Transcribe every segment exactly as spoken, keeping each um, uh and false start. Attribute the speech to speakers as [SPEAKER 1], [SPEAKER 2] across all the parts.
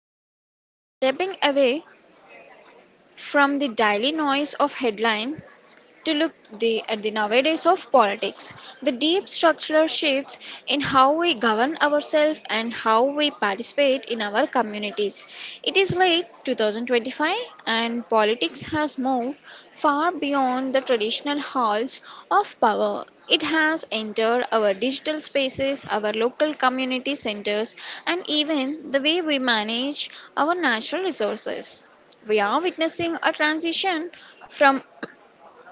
[SPEAKER 1] Today, we are stepping away from the daily noise of headlines to look the, at the nowadays of politics, the deep structural shifts in how we govern ourselves and how we participate in our communities. It is late twenty twenty-five, and politics has moved far beyond the traditional halls of power. It has entered our digital spaces, our local community centers, and even the way we manage our natural resources. We are witnessing a transition from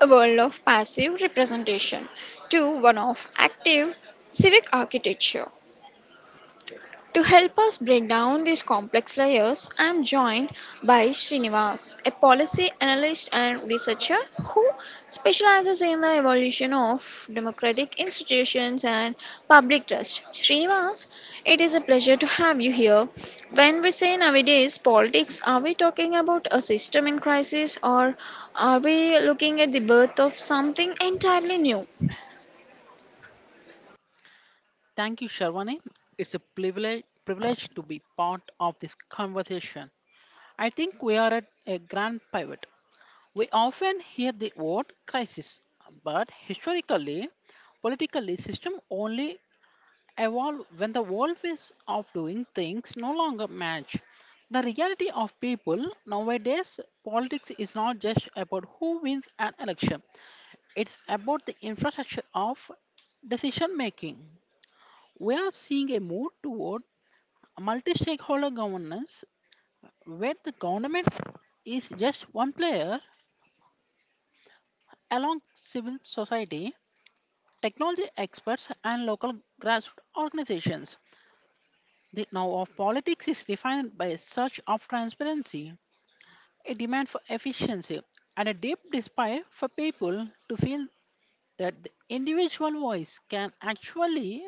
[SPEAKER 1] a world of passive representation to one of active civic architecture. To help us break down these complex layers, I am joined by Srinivas, a policy analyst and researcher who specializes in the evolution of democratic institutions and public trust. Srinivas, it is a pleasure to have you here. When we say nowadays politics, are we talking about a system in crisis, or are we looking at the birth of something entirely new?
[SPEAKER 2] Thank you, Sharwani. It's a privilege, privilege to be part of this conversation. I think we are at a grand pivot. We often hear the word crisis, but historically, politically, system only evolve when the world ways of doing things no longer match. The reality of people nowadays, politics is not just about who wins an election. It's about the infrastructure of decision making. We are seeing a move toward multi stakeholder governance, where the government is just one player along civil society, technology experts, and local grassroots organizations. The now of politics is defined by a search of transparency, a demand for efficiency, and a deep desire for people to feel that the individual voice can actually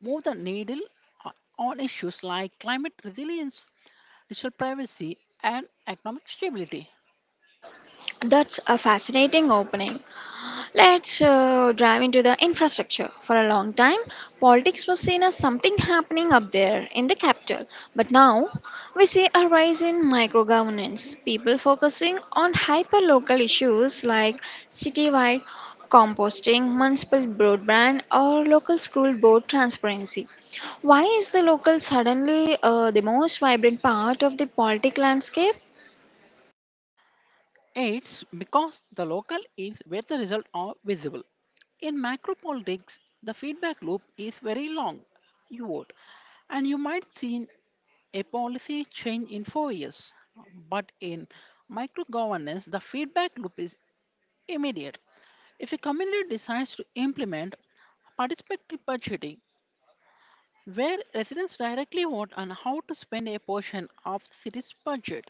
[SPEAKER 2] move the needle o- on issues like climate resilience, digital privacy, and economic stability.
[SPEAKER 1] That's a fascinating opening. Let's uh, dive into the infrastructure. For a long time, politics was seen as something happening up there in the capital. But now, we see a rise in micro governance, people focusing on hyper local issues like citywide composting, municipal broadband, or local school board transparency. Why is the local suddenly uh, the most vibrant part of the politic landscape?
[SPEAKER 2] It's because the local is where the results are visible. In macro politics, the feedback loop is very long. You vote, and you might see a policy change in four years. But in micro governance, the feedback loop is immediate. If a community decides to implement participatory budgeting, where residents directly vote on how to spend a portion of the city's budget,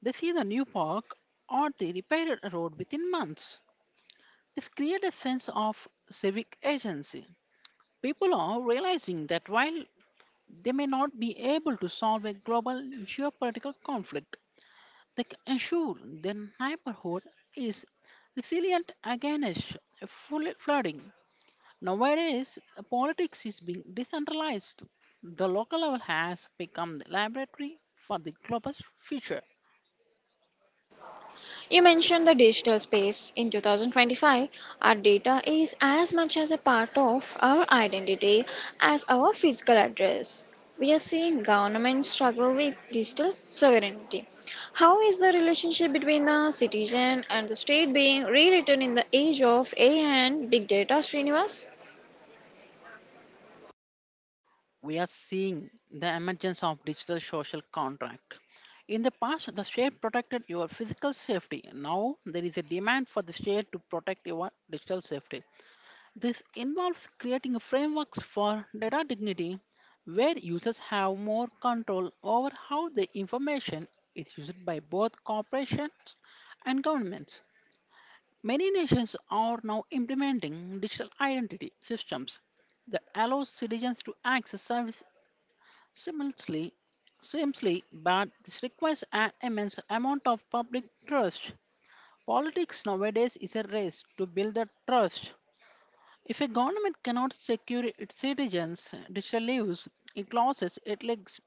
[SPEAKER 2] they see the new park or the repaired road within months. They've created a sense of civic agency. People are realizing that while they may not be able to solve a global geopolitical conflict, they can ensure their neighborhood is resilient against full flooding. Nowadays, politics is being decentralized. The local level has become the laboratory for the global future.
[SPEAKER 1] You mentioned the digital space. In twenty twenty-five, our data is as much as a part of our identity as our physical address. We are seeing governments struggle with digital sovereignty. How is the relationship between the citizen and the state being rewritten in the age of A I and big data, Srinivas?
[SPEAKER 2] We are seeing the emergence of digital social contract. In the past, the state protected your physical safety. Now, there is a demand for the state to protect your digital safety. This involves creating frameworks for data dignity where users have more control over how the information is used by both corporations and governments. Many nations are now implementing digital identity systems that allows citizens to access services Similarly, simply, but this requires an immense amount of public trust. Politics nowadays is a race to build that trust. If a government cannot secure its citizens' digital lives, it loses its legs-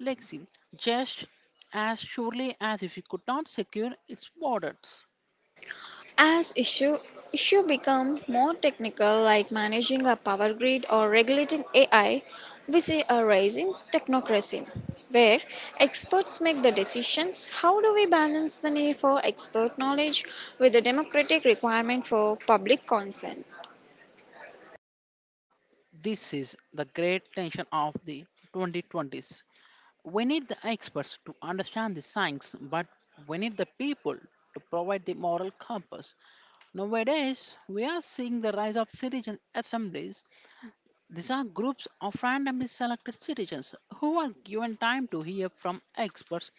[SPEAKER 2] legacy just as surely as if it could not secure its borders.
[SPEAKER 1] As issue issue become more technical, like managing a power grid or regulating A I, we see a rising technocracy where experts make the decisions. How do we balance the need for expert knowledge with the democratic requirement for public consent?
[SPEAKER 2] This is the great tension of the twenty twenties. We need the experts to understand the science, but we need the people to provide the moral compass. Nowadays, we are seeing the rise of citizen assemblies. These are groups of randomly selected citizens who are given time to hear from experts,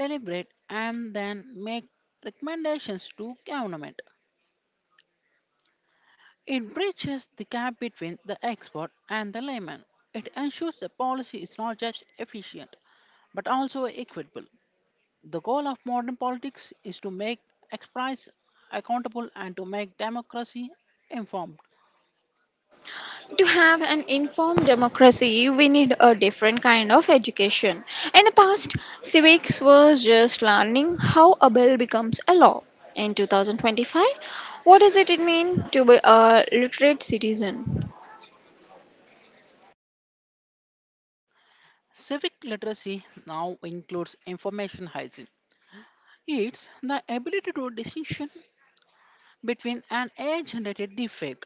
[SPEAKER 2] deliberate, and then make recommendations to government. It bridges the gap between the expert and the layman. It ensures the policy is not just efficient but also equitable. The goal of modern politics is to make experts accountable and to make democracy informed.
[SPEAKER 1] To have an informed democracy, we need a different kind of education. In the past, civics was just learning how a bill becomes a law. In twenty twenty-five, what does it mean to be a literate citizen?
[SPEAKER 2] Civic literacy now includes information hygiene. It's the ability to distinction between an A I generated deepfake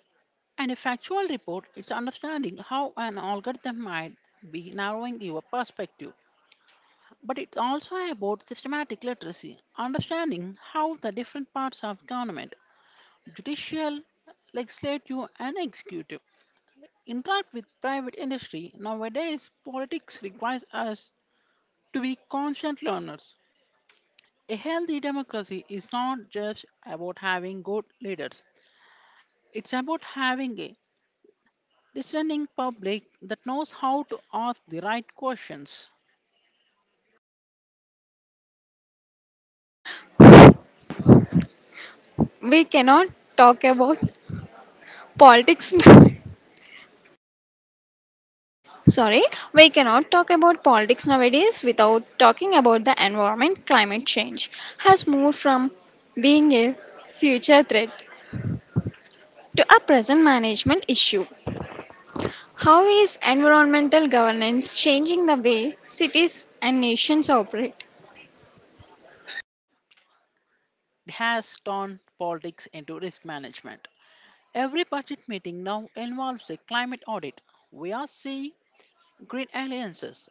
[SPEAKER 2] and a factual report. It's understanding how an algorithm might be narrowing your perspective. But it's also about systematic literacy, understanding how the different parts of government, judicial, legislative, and executive interact with private industry, nowadays politics requires us to be constant learners. A healthy democracy is not just about having good leaders, it's about having a discerning public that knows how to ask the right questions.
[SPEAKER 1] We cannot talk about politics. Sorry, we cannot talk about politics nowadays without talking about the environment. Climate change has moved from being a future threat to a present management issue. How is environmental governance changing the way cities and nations operate?
[SPEAKER 2] It has turned politics into risk management. Every budget meeting now involves a climate audit. We are seeing green alliances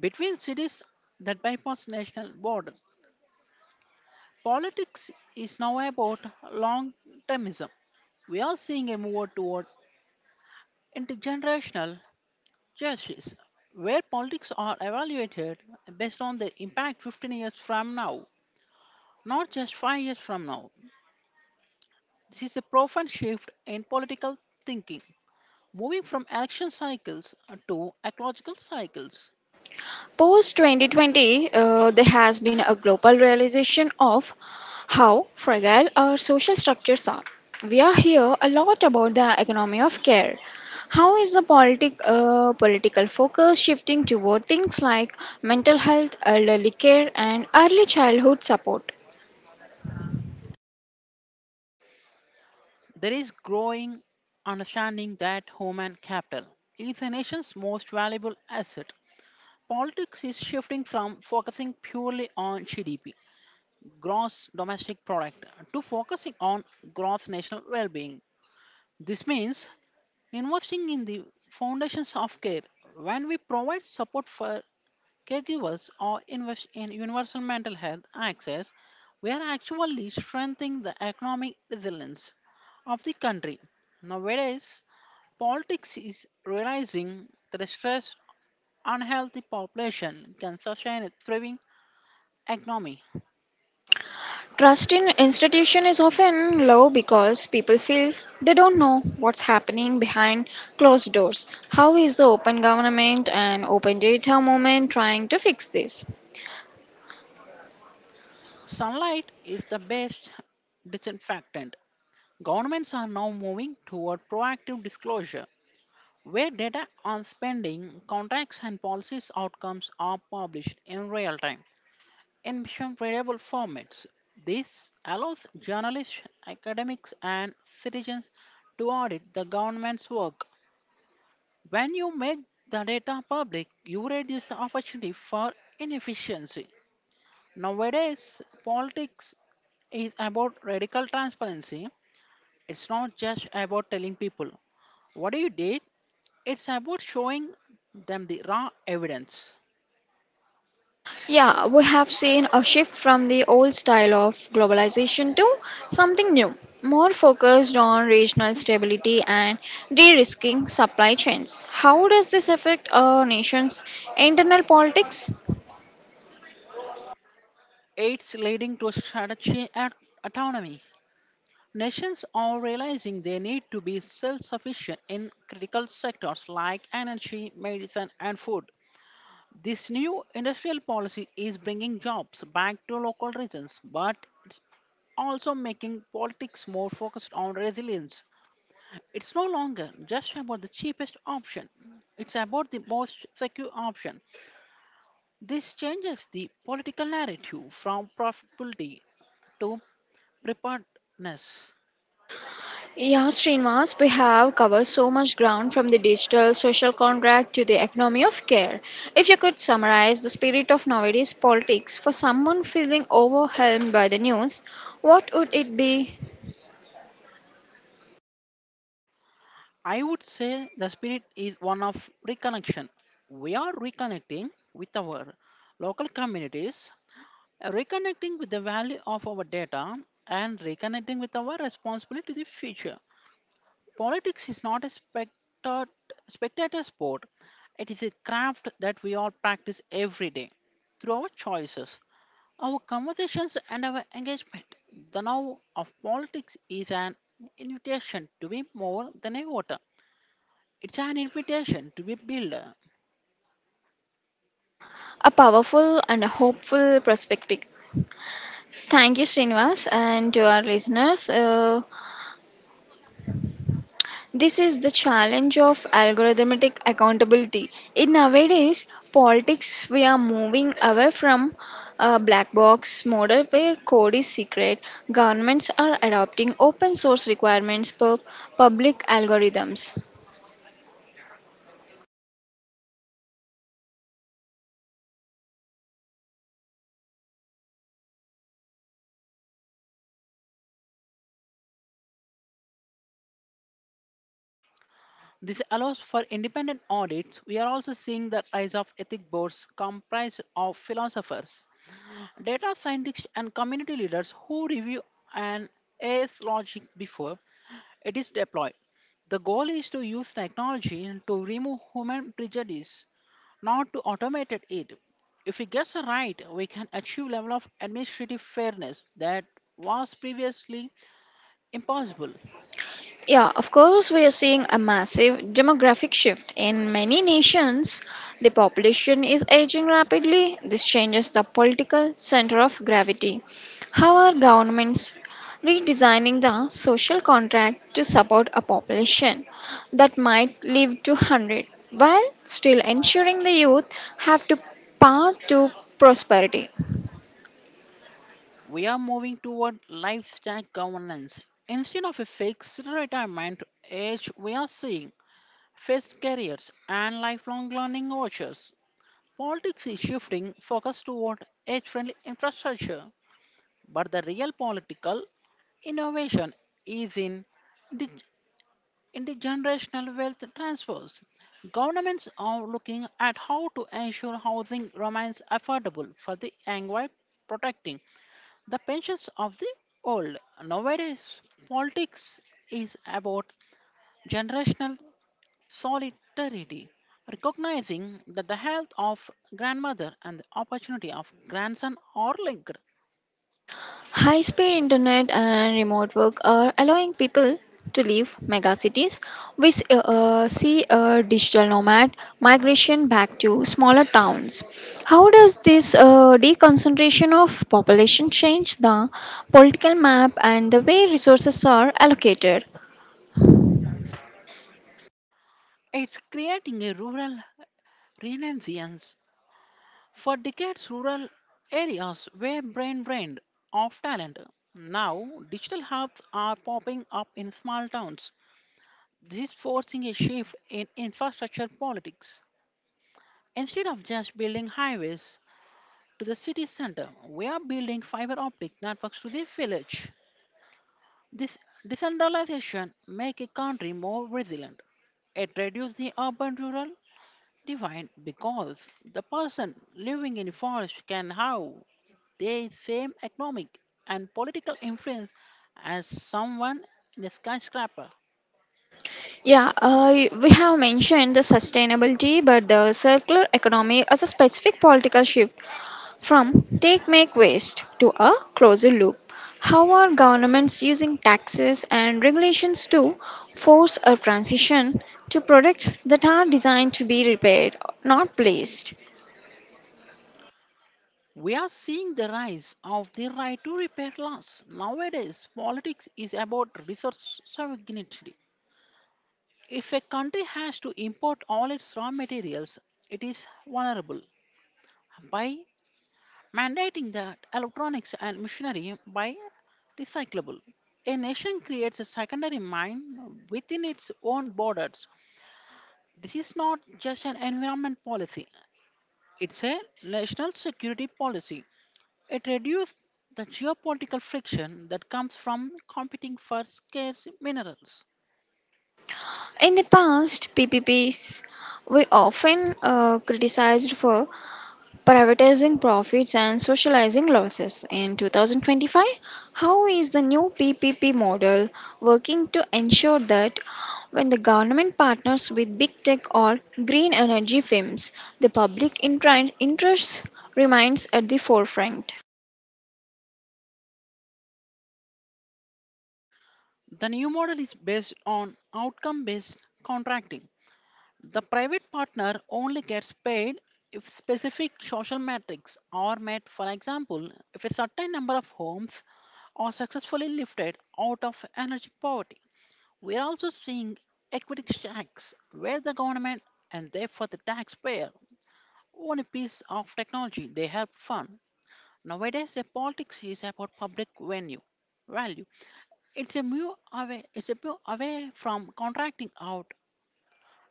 [SPEAKER 2] between cities that bypass national borders. Politics is now about long termism. We are seeing a move toward intergenerational justice, where politics are evaluated based on their impact fifteen years from now, not just five years from now. This is a profound shift in political thinking, moving from election cycles to ecological cycles.
[SPEAKER 1] Post twenty twenty, uh, there has been a global realization of how fragile our social structures are. We are here a lot about the economy of care. How is the politic, uh, political focus shifting toward things like mental health, elderly care, and early childhood support?
[SPEAKER 2] There is growing understanding that human capital is a nation's most valuable asset. Politics is shifting from focusing purely on G D P, gross domestic product, to focusing on gross national well being. This means investing in the foundations of care. When we provide support for caregivers or invest in universal mental health access, we are actually strengthening the economic resilience of the country. Nowadays, politics is realizing that a stressed, unhealthy population can sustain a thriving economy.
[SPEAKER 1] Trust in institution is often low because people feel they don't know what's happening behind closed doors. How is the open government and open data movement trying to fix this?
[SPEAKER 2] Sunlight is the best disinfectant. Governments are now moving toward proactive disclosure, where data on spending, contracts, and policies outcomes are published in real time in mission variable formats. This allows journalists, academics, and citizens to audit the government's work. When you make the data public, you reduce the opportunity for inefficiency. Nowadays, politics is about radical transparency. It's not just about telling people what you did, it's about showing them the raw evidence.
[SPEAKER 1] Yeah, we have seen a shift from the old style of globalization to something new, more focused on regional stability and de-risking supply chains. How does this affect a nation's internal politics?
[SPEAKER 2] It's leading to strategy and autonomy. Nations are realizing they need to be self sufficient in critical sectors like energy, medicine, and food. This new industrial policy is bringing jobs back to local regions, but it's also making politics more focused on resilience. It's no longer just about the cheapest option, it's about the most secure option. This changes the political narrative from profitability to preparedness.
[SPEAKER 1] Yeah, Srinivas, we have covered so much ground, from the digital social contract to the economy of care. If you could summarize the spirit of nowadays politics for someone feeling overwhelmed by the news, what would it be?
[SPEAKER 2] I would say the spirit is one of reconnection. We are reconnecting with our local communities, reconnecting with the value of our data, and reconnecting with our responsibility to the future. Politics is not a spectat- spectator sport, it is a craft that we all practice every day through our choices, our conversations, and our engagement. The now of politics is an invitation to be more than a voter. It's an invitation to be a builder.
[SPEAKER 1] A powerful and a hopeful perspective. Thank you, Srinivas, and to our listeners. Uh, This is the challenge of algorithmic accountability. In nowadays politics, we are moving away from a black box model where code is secret. Governments are adopting open source requirements for public algorithms.
[SPEAKER 2] This allows for independent audits. We are also seeing the rise of ethic boards comprised of philosophers, data scientists, and community leaders who review an A S logic before it is deployed. The goal is to use technology to remove human prejudice, not to automate it. If we get it right, we can achieve level of administrative fairness that was previously impossible.
[SPEAKER 1] Yeah, of course, we are seeing a massive demographic shift. In many nations, the population is aging rapidly. This changes the political center of gravity. How are governments redesigning the social contract to support a population that might live to one hundred, while still ensuring the youth have to path to prosperity?
[SPEAKER 2] We are moving toward lifestyle governance. Instead of a fixed retirement age, we are seeing fixed careers and lifelong learning vouchers. Politics is shifting focus toward age friendly infrastructure, but the real political innovation is in the, in the generational wealth transfers. Governments are looking at how to ensure housing remains affordable for the young while protecting the pensions of the old. Nowadays, politics is about generational solidarity, recognizing that the health of grandmother and the opportunity of grandson are linked.
[SPEAKER 1] High speed internet and remote work are allowing people to leave megacities. We s- uh, uh, see a digital nomad migration back to smaller towns. How does this uh, deconcentration of population change the political map and the way resources are allocated?
[SPEAKER 2] It's creating a rural renaissance. For decades, rural areas were brain drained of talent. Now, digital hubs are popping up in small towns. This is forcing a shift in infrastructure politics. Instead of just building highways to the city center, we are building fiber optic networks to the village. This decentralization makes a country more resilient. It reduces the urban rural divide because the person living in a forest can have They same economic and political influence as someone in a skyscraper.
[SPEAKER 1] Yeah, uh, we have mentioned the sustainability, but the circular economy as a specific political shift. From take make waste to a closer loop, how are governments using taxes and regulations to force a transition to products that are designed to be repaired, not placed?
[SPEAKER 2] We are seeing the rise of the right to repair laws. Nowadays, politics is about resource sovereignty. If a country has to import all its raw materials, it is vulnerable. By mandating that electronics and machinery by recyclable, a nation creates a secondary mine within its own borders. This is not just an environment policy, it's a national security policy. It reduces the geopolitical friction that comes from competing for scarce minerals.
[SPEAKER 1] In the past, P P Ps were often uh, criticized for privatizing profits and socializing losses. In twenty twenty-five, how is the new P P P model working to ensure that when the government partners with big tech or green energy firms, the public intra- interest remains at the forefront?
[SPEAKER 2] The new model is based on outcome based contracting. The private partner only gets paid if specific social metrics are met, for example, if a certain number of homes are successfully lifted out of energy poverty. We are also seeing equity shacks where the government and therefore the taxpayer own a piece of technology they help fund. Nowadays, the politics is about public venue value. It's a move away. It's a move away from contracting out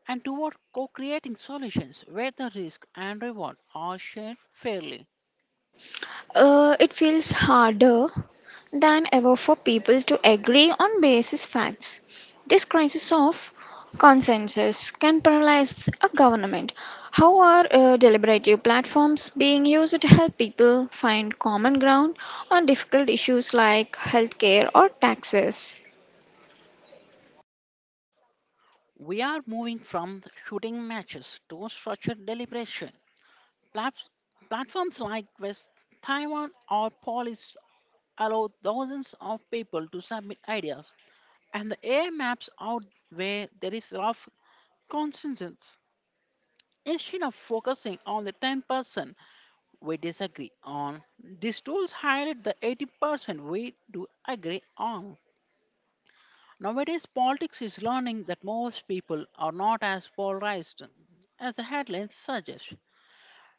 [SPEAKER 2] and toward co-creating solutions where the risk and reward are shared fairly.
[SPEAKER 1] Uh, it feels harder than ever for people to agree on basis facts. This crisis of consensus can paralyze a government. How are uh, deliberative platforms being used to help people find common ground on difficult issues like healthcare or taxes?
[SPEAKER 2] We are moving from shooting matches to structured deliberation. Platf- Platforms like West Taiwan or Polis allow thousands of people to submit ideas, and the A I maps out where there is rough consensus. Instead of focusing on the ten percent we disagree on, these tools highlight the eighty percent we do agree on. Nowadays, politics is learning that most people are not as polarized as the headlines suggest.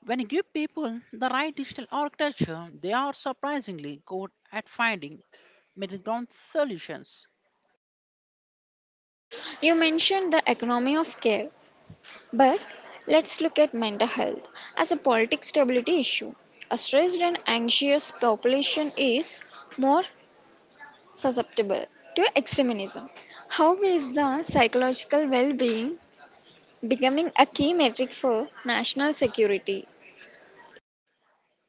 [SPEAKER 2] When you give people the right digital architecture, they are surprisingly good at finding middle ground solutions.
[SPEAKER 1] You mentioned the economy of care, but let's look at mental health as a political stability issue. A stressed and anxious population is more susceptible to extremism. How is the psychological well being becoming a key metric for national security?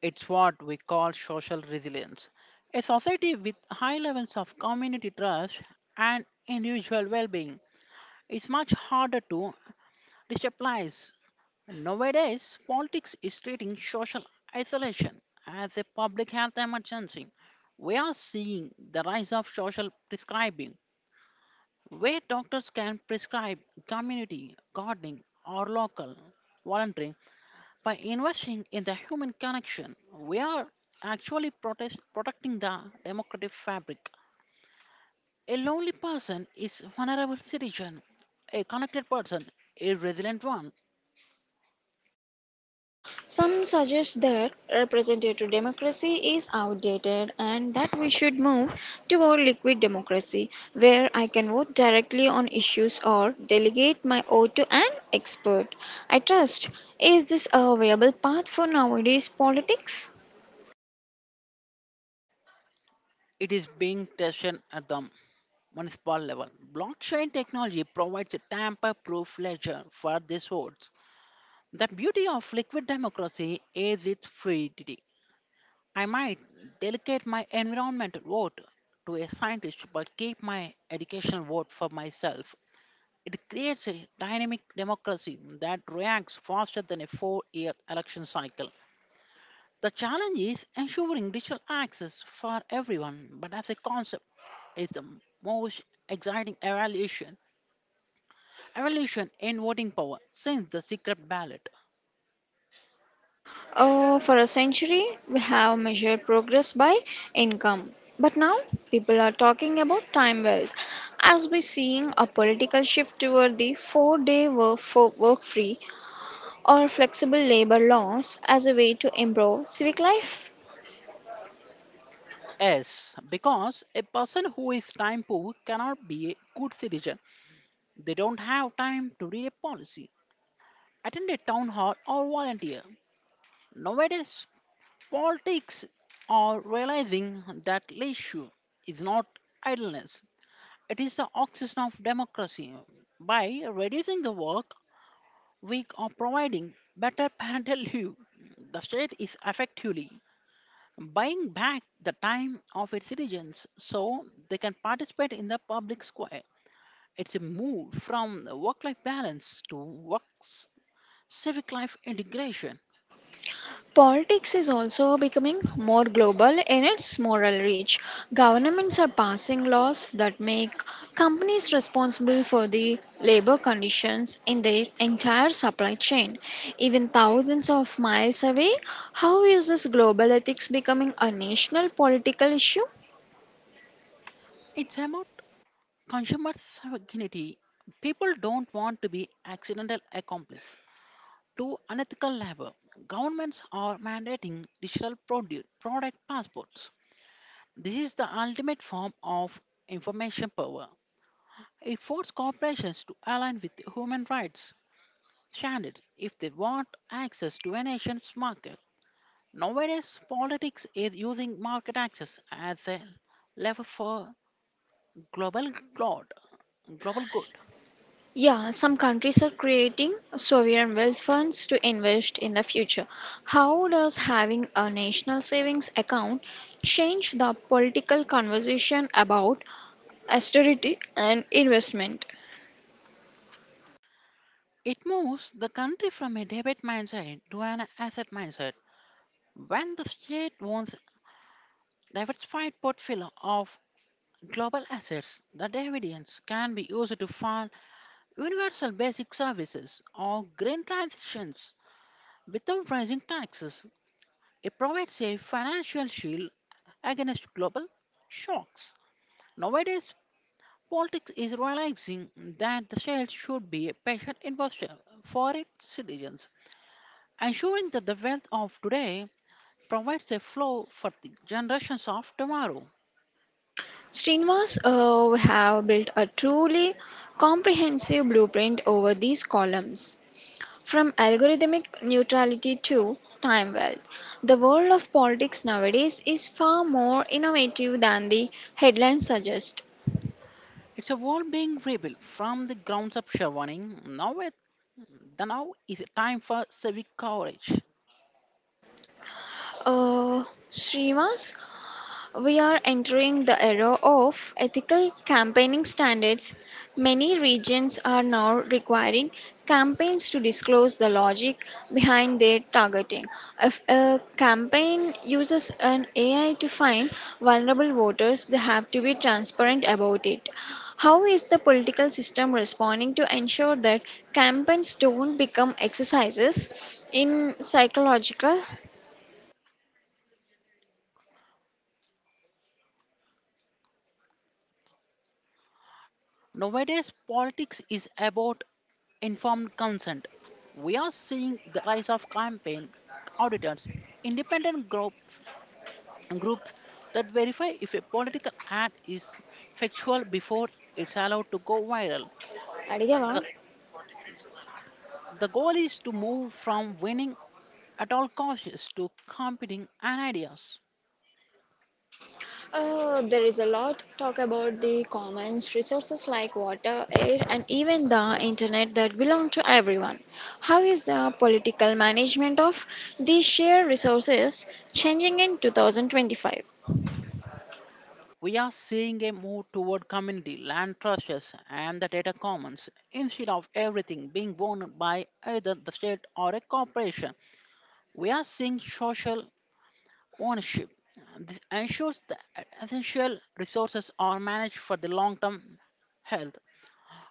[SPEAKER 2] It's what we call social resilience. A society with high levels of community trust and individual well being is much harder to destabilize. Nowadays, politics is treating social isolation as a public health emergency. We are seeing the rise of social prescribing, where doctors can prescribe community gardening or local volunteering by investing in the human connection, we are actually protest- protecting the democratic fabric. A lonely person is a vulnerable citizen. A connected person, a resilient one.
[SPEAKER 1] Some suggest that representative democracy is outdated and that we should move toward liquid democracy, where I can vote directly on issues or delegate my vote to an expert. I trust, is this a viable path for nowadays politics?
[SPEAKER 2] It is being tested at the municipal level. Blockchain technology provides a tamper-proof ledger for these votes. The beauty of liquid democracy is its fluidity. I might delegate my environmental vote to a scientist but keep my educational vote for myself. It creates a dynamic democracy that reacts faster than a four year election cycle. The challenge is ensuring digital access for everyone, but as a concept, is the most exciting evaluation evolution in voting power since the secret ballot.
[SPEAKER 1] Uh, for a century, we have measured progress by income. But now, people are talking about time wealth as we're seeing a political shift toward the four day work, for work free or flexible labor laws as a way to improve civic life.
[SPEAKER 2] Yes, because a person who is time poor cannot be a good citizen. They don't have time to read a policy, attend a town hall, or volunteer. Nowadays, politics are realizing that leisure is not idleness. It is the oxygen of democracy. By reducing the work week or providing better parental leave, the state is effectively buying back the time of its citizens so they can participate in the public square. It's a move from work life balance to work civic life integration.
[SPEAKER 1] Politics is also becoming more global in its moral reach. Governments are passing laws that make companies responsible for the labor conditions in their entire supply chain, even thousands of miles away. How is this global ethics becoming a national political issue?
[SPEAKER 2] It's about consumers have guilty. People don't want to be accidental accomplice to unethical labor. Governments are mandating digital produce, product passports. This is the ultimate form of information power. It forces corporations to align with human rights standards if they want access to a nation's market. Nowadays, politics is using market access as a lever for global good. Global good.
[SPEAKER 1] Yeah, some countries are creating sovereign wealth funds to invest in the future. How does having a national savings account change the political conversation about austerity and investment?
[SPEAKER 2] It moves the country from a debit mindset to an asset mindset. When the state owns a diversified portfolio of global assets, the dividends can be used to fund universal basic services or green transitions without raising taxes. It provides a financial shield against global shocks. Nowadays, politics is realizing that the state should be a patient investor for its citizens, ensuring that the wealth of today provides a flow for the generations of tomorrow.
[SPEAKER 1] Srinivas, uh, we have built a truly comprehensive blueprint over these columns. From algorithmic neutrality to time wealth, the world of politics nowadays is far more innovative than the headlines suggest.
[SPEAKER 2] It's a world being rebuilt from the grounds up, Sherwaning. Now, it, the now is a time for civic courage.
[SPEAKER 1] Uh, Srinivas, we are entering the era of ethical campaigning standards. Many regions are now requiring campaigns to disclose the logic behind their targeting. If a campaign uses an A I to find vulnerable voters, they have to be transparent about it. How is the political system responding to ensure that campaigns don't become exercises in psychological?
[SPEAKER 2] Nowadays, politics is about informed consent. We are seeing the rise of campaign auditors, independent group, groups that verify if a political ad is factual before it's allowed to go viral.
[SPEAKER 1] అడిగావా?
[SPEAKER 2] The, the goal is to move from winning at all costs to competing and ideas.
[SPEAKER 1] Uh, there is a lot talk about the commons resources like water, air, and even the internet that belong to everyone. How is the political management of these shared resources changing in two thousand twenty-five?
[SPEAKER 2] We are seeing a move toward community land trusts and the data commons instead of everything being owned by either the state or a corporation. We are seeing social ownership. This ensures that essential resources are managed for the long term health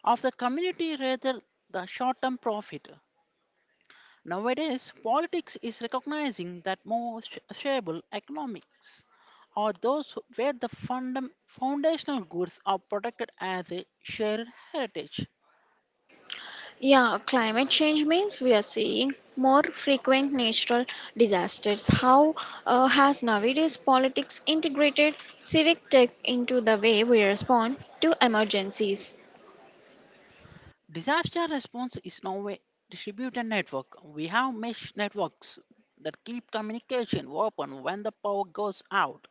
[SPEAKER 2] of the community rather the short term profit. Nowadays, politics is recognizing that more sh- shareable economics are those where the fundam- foundational goods are protected as a shared heritage.
[SPEAKER 1] Yeah, climate change means we are seeing more frequent natural disasters. How uh, has nowadays politics integrated civic tech into the way we respond to emergencies?
[SPEAKER 2] Disaster response is now a distributed network. We have mesh networks that keep communication open when the power goes out,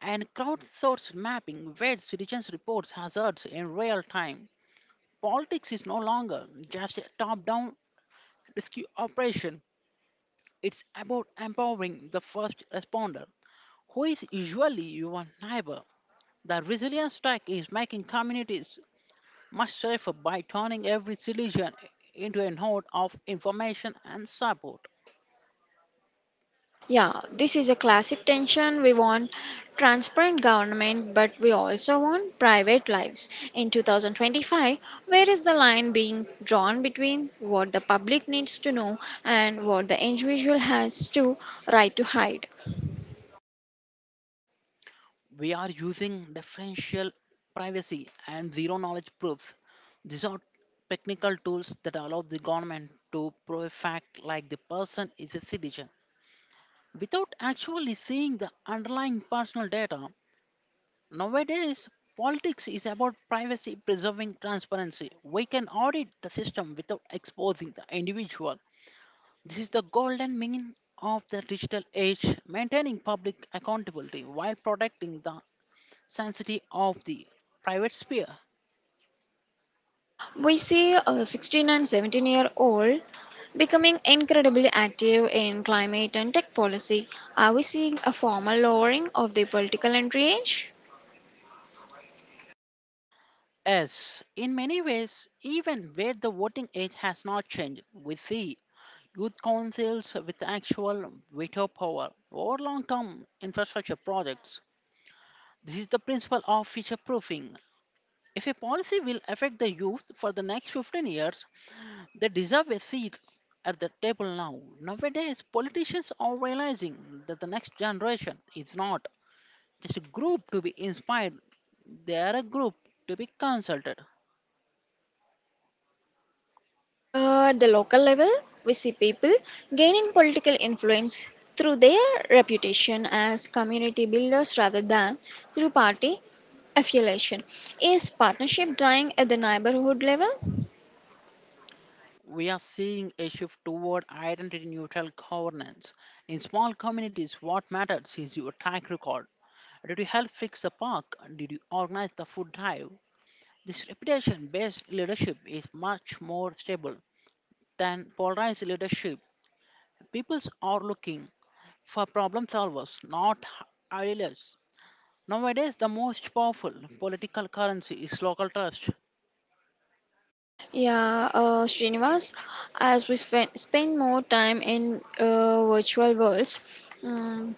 [SPEAKER 2] and crowdsourced mapping where citizens report hazards in real time. Politics is no longer just a top down rescue operation. It's about empowering the first responder, who is usually your neighbor. The resilience strike is making communities much safer by turning every solution into a node of information and support.
[SPEAKER 1] Yeah, this is a classic tension. We want transparent government, but we also want private lives. In two thousand twenty-five, where is the line being drawn between what the public needs to know and what the individual has to right to hide?
[SPEAKER 2] We are using differential privacy and zero knowledge proofs. These are technical tools that allow the government to prove a fact like the person is a citizen without actually seeing the underlying personal data. Nowadays, politics is about privacy preserving transparency. We can audit the system without exposing the individual. This is the golden mean of the digital age, maintaining public accountability while protecting the sanctity of the private sphere.
[SPEAKER 1] We see a sixteen and seventeen year old becoming incredibly active in climate and tech policy. Are we seeing a formal lowering of the political entry age?
[SPEAKER 2] As in many ways, even where the voting age has not changed, we see youth councils with actual veto power or long term infrastructure projects. This is the principle of future proofing. If a policy will affect the youth for the next fifteen years, they deserve a seat at the table now. Nowadays, politicians are realizing that the next generation is not just a group to be inspired, they are a group to be consulted.
[SPEAKER 1] At the local level, we see people gaining political influence through their reputation as community builders rather than through party affiliation. Is partnership dying at the neighborhood level?
[SPEAKER 2] We are seeing a shift toward identity neutral governance. In small communities, what matters is your track record. Did you help fix the park? Did you organize the food drive? This reputation based leadership is much more stable than polarized leadership. People are looking for problem solvers, not idealists. Nowadays, the most powerful political currency is local trust.
[SPEAKER 1] Yeah, uh, Srinivas, as we spen- spend more time in uh, virtual worlds, um,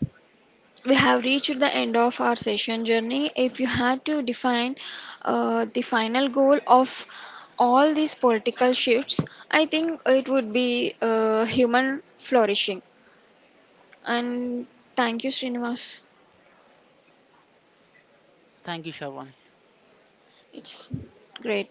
[SPEAKER 1] we have reached the end of our session journey. If you had to define uh, the final goal of all these political shifts, I think it would be uh, human flourishing. And thank you, Srinivas.
[SPEAKER 2] Thank you, Shavan.
[SPEAKER 1] It's great.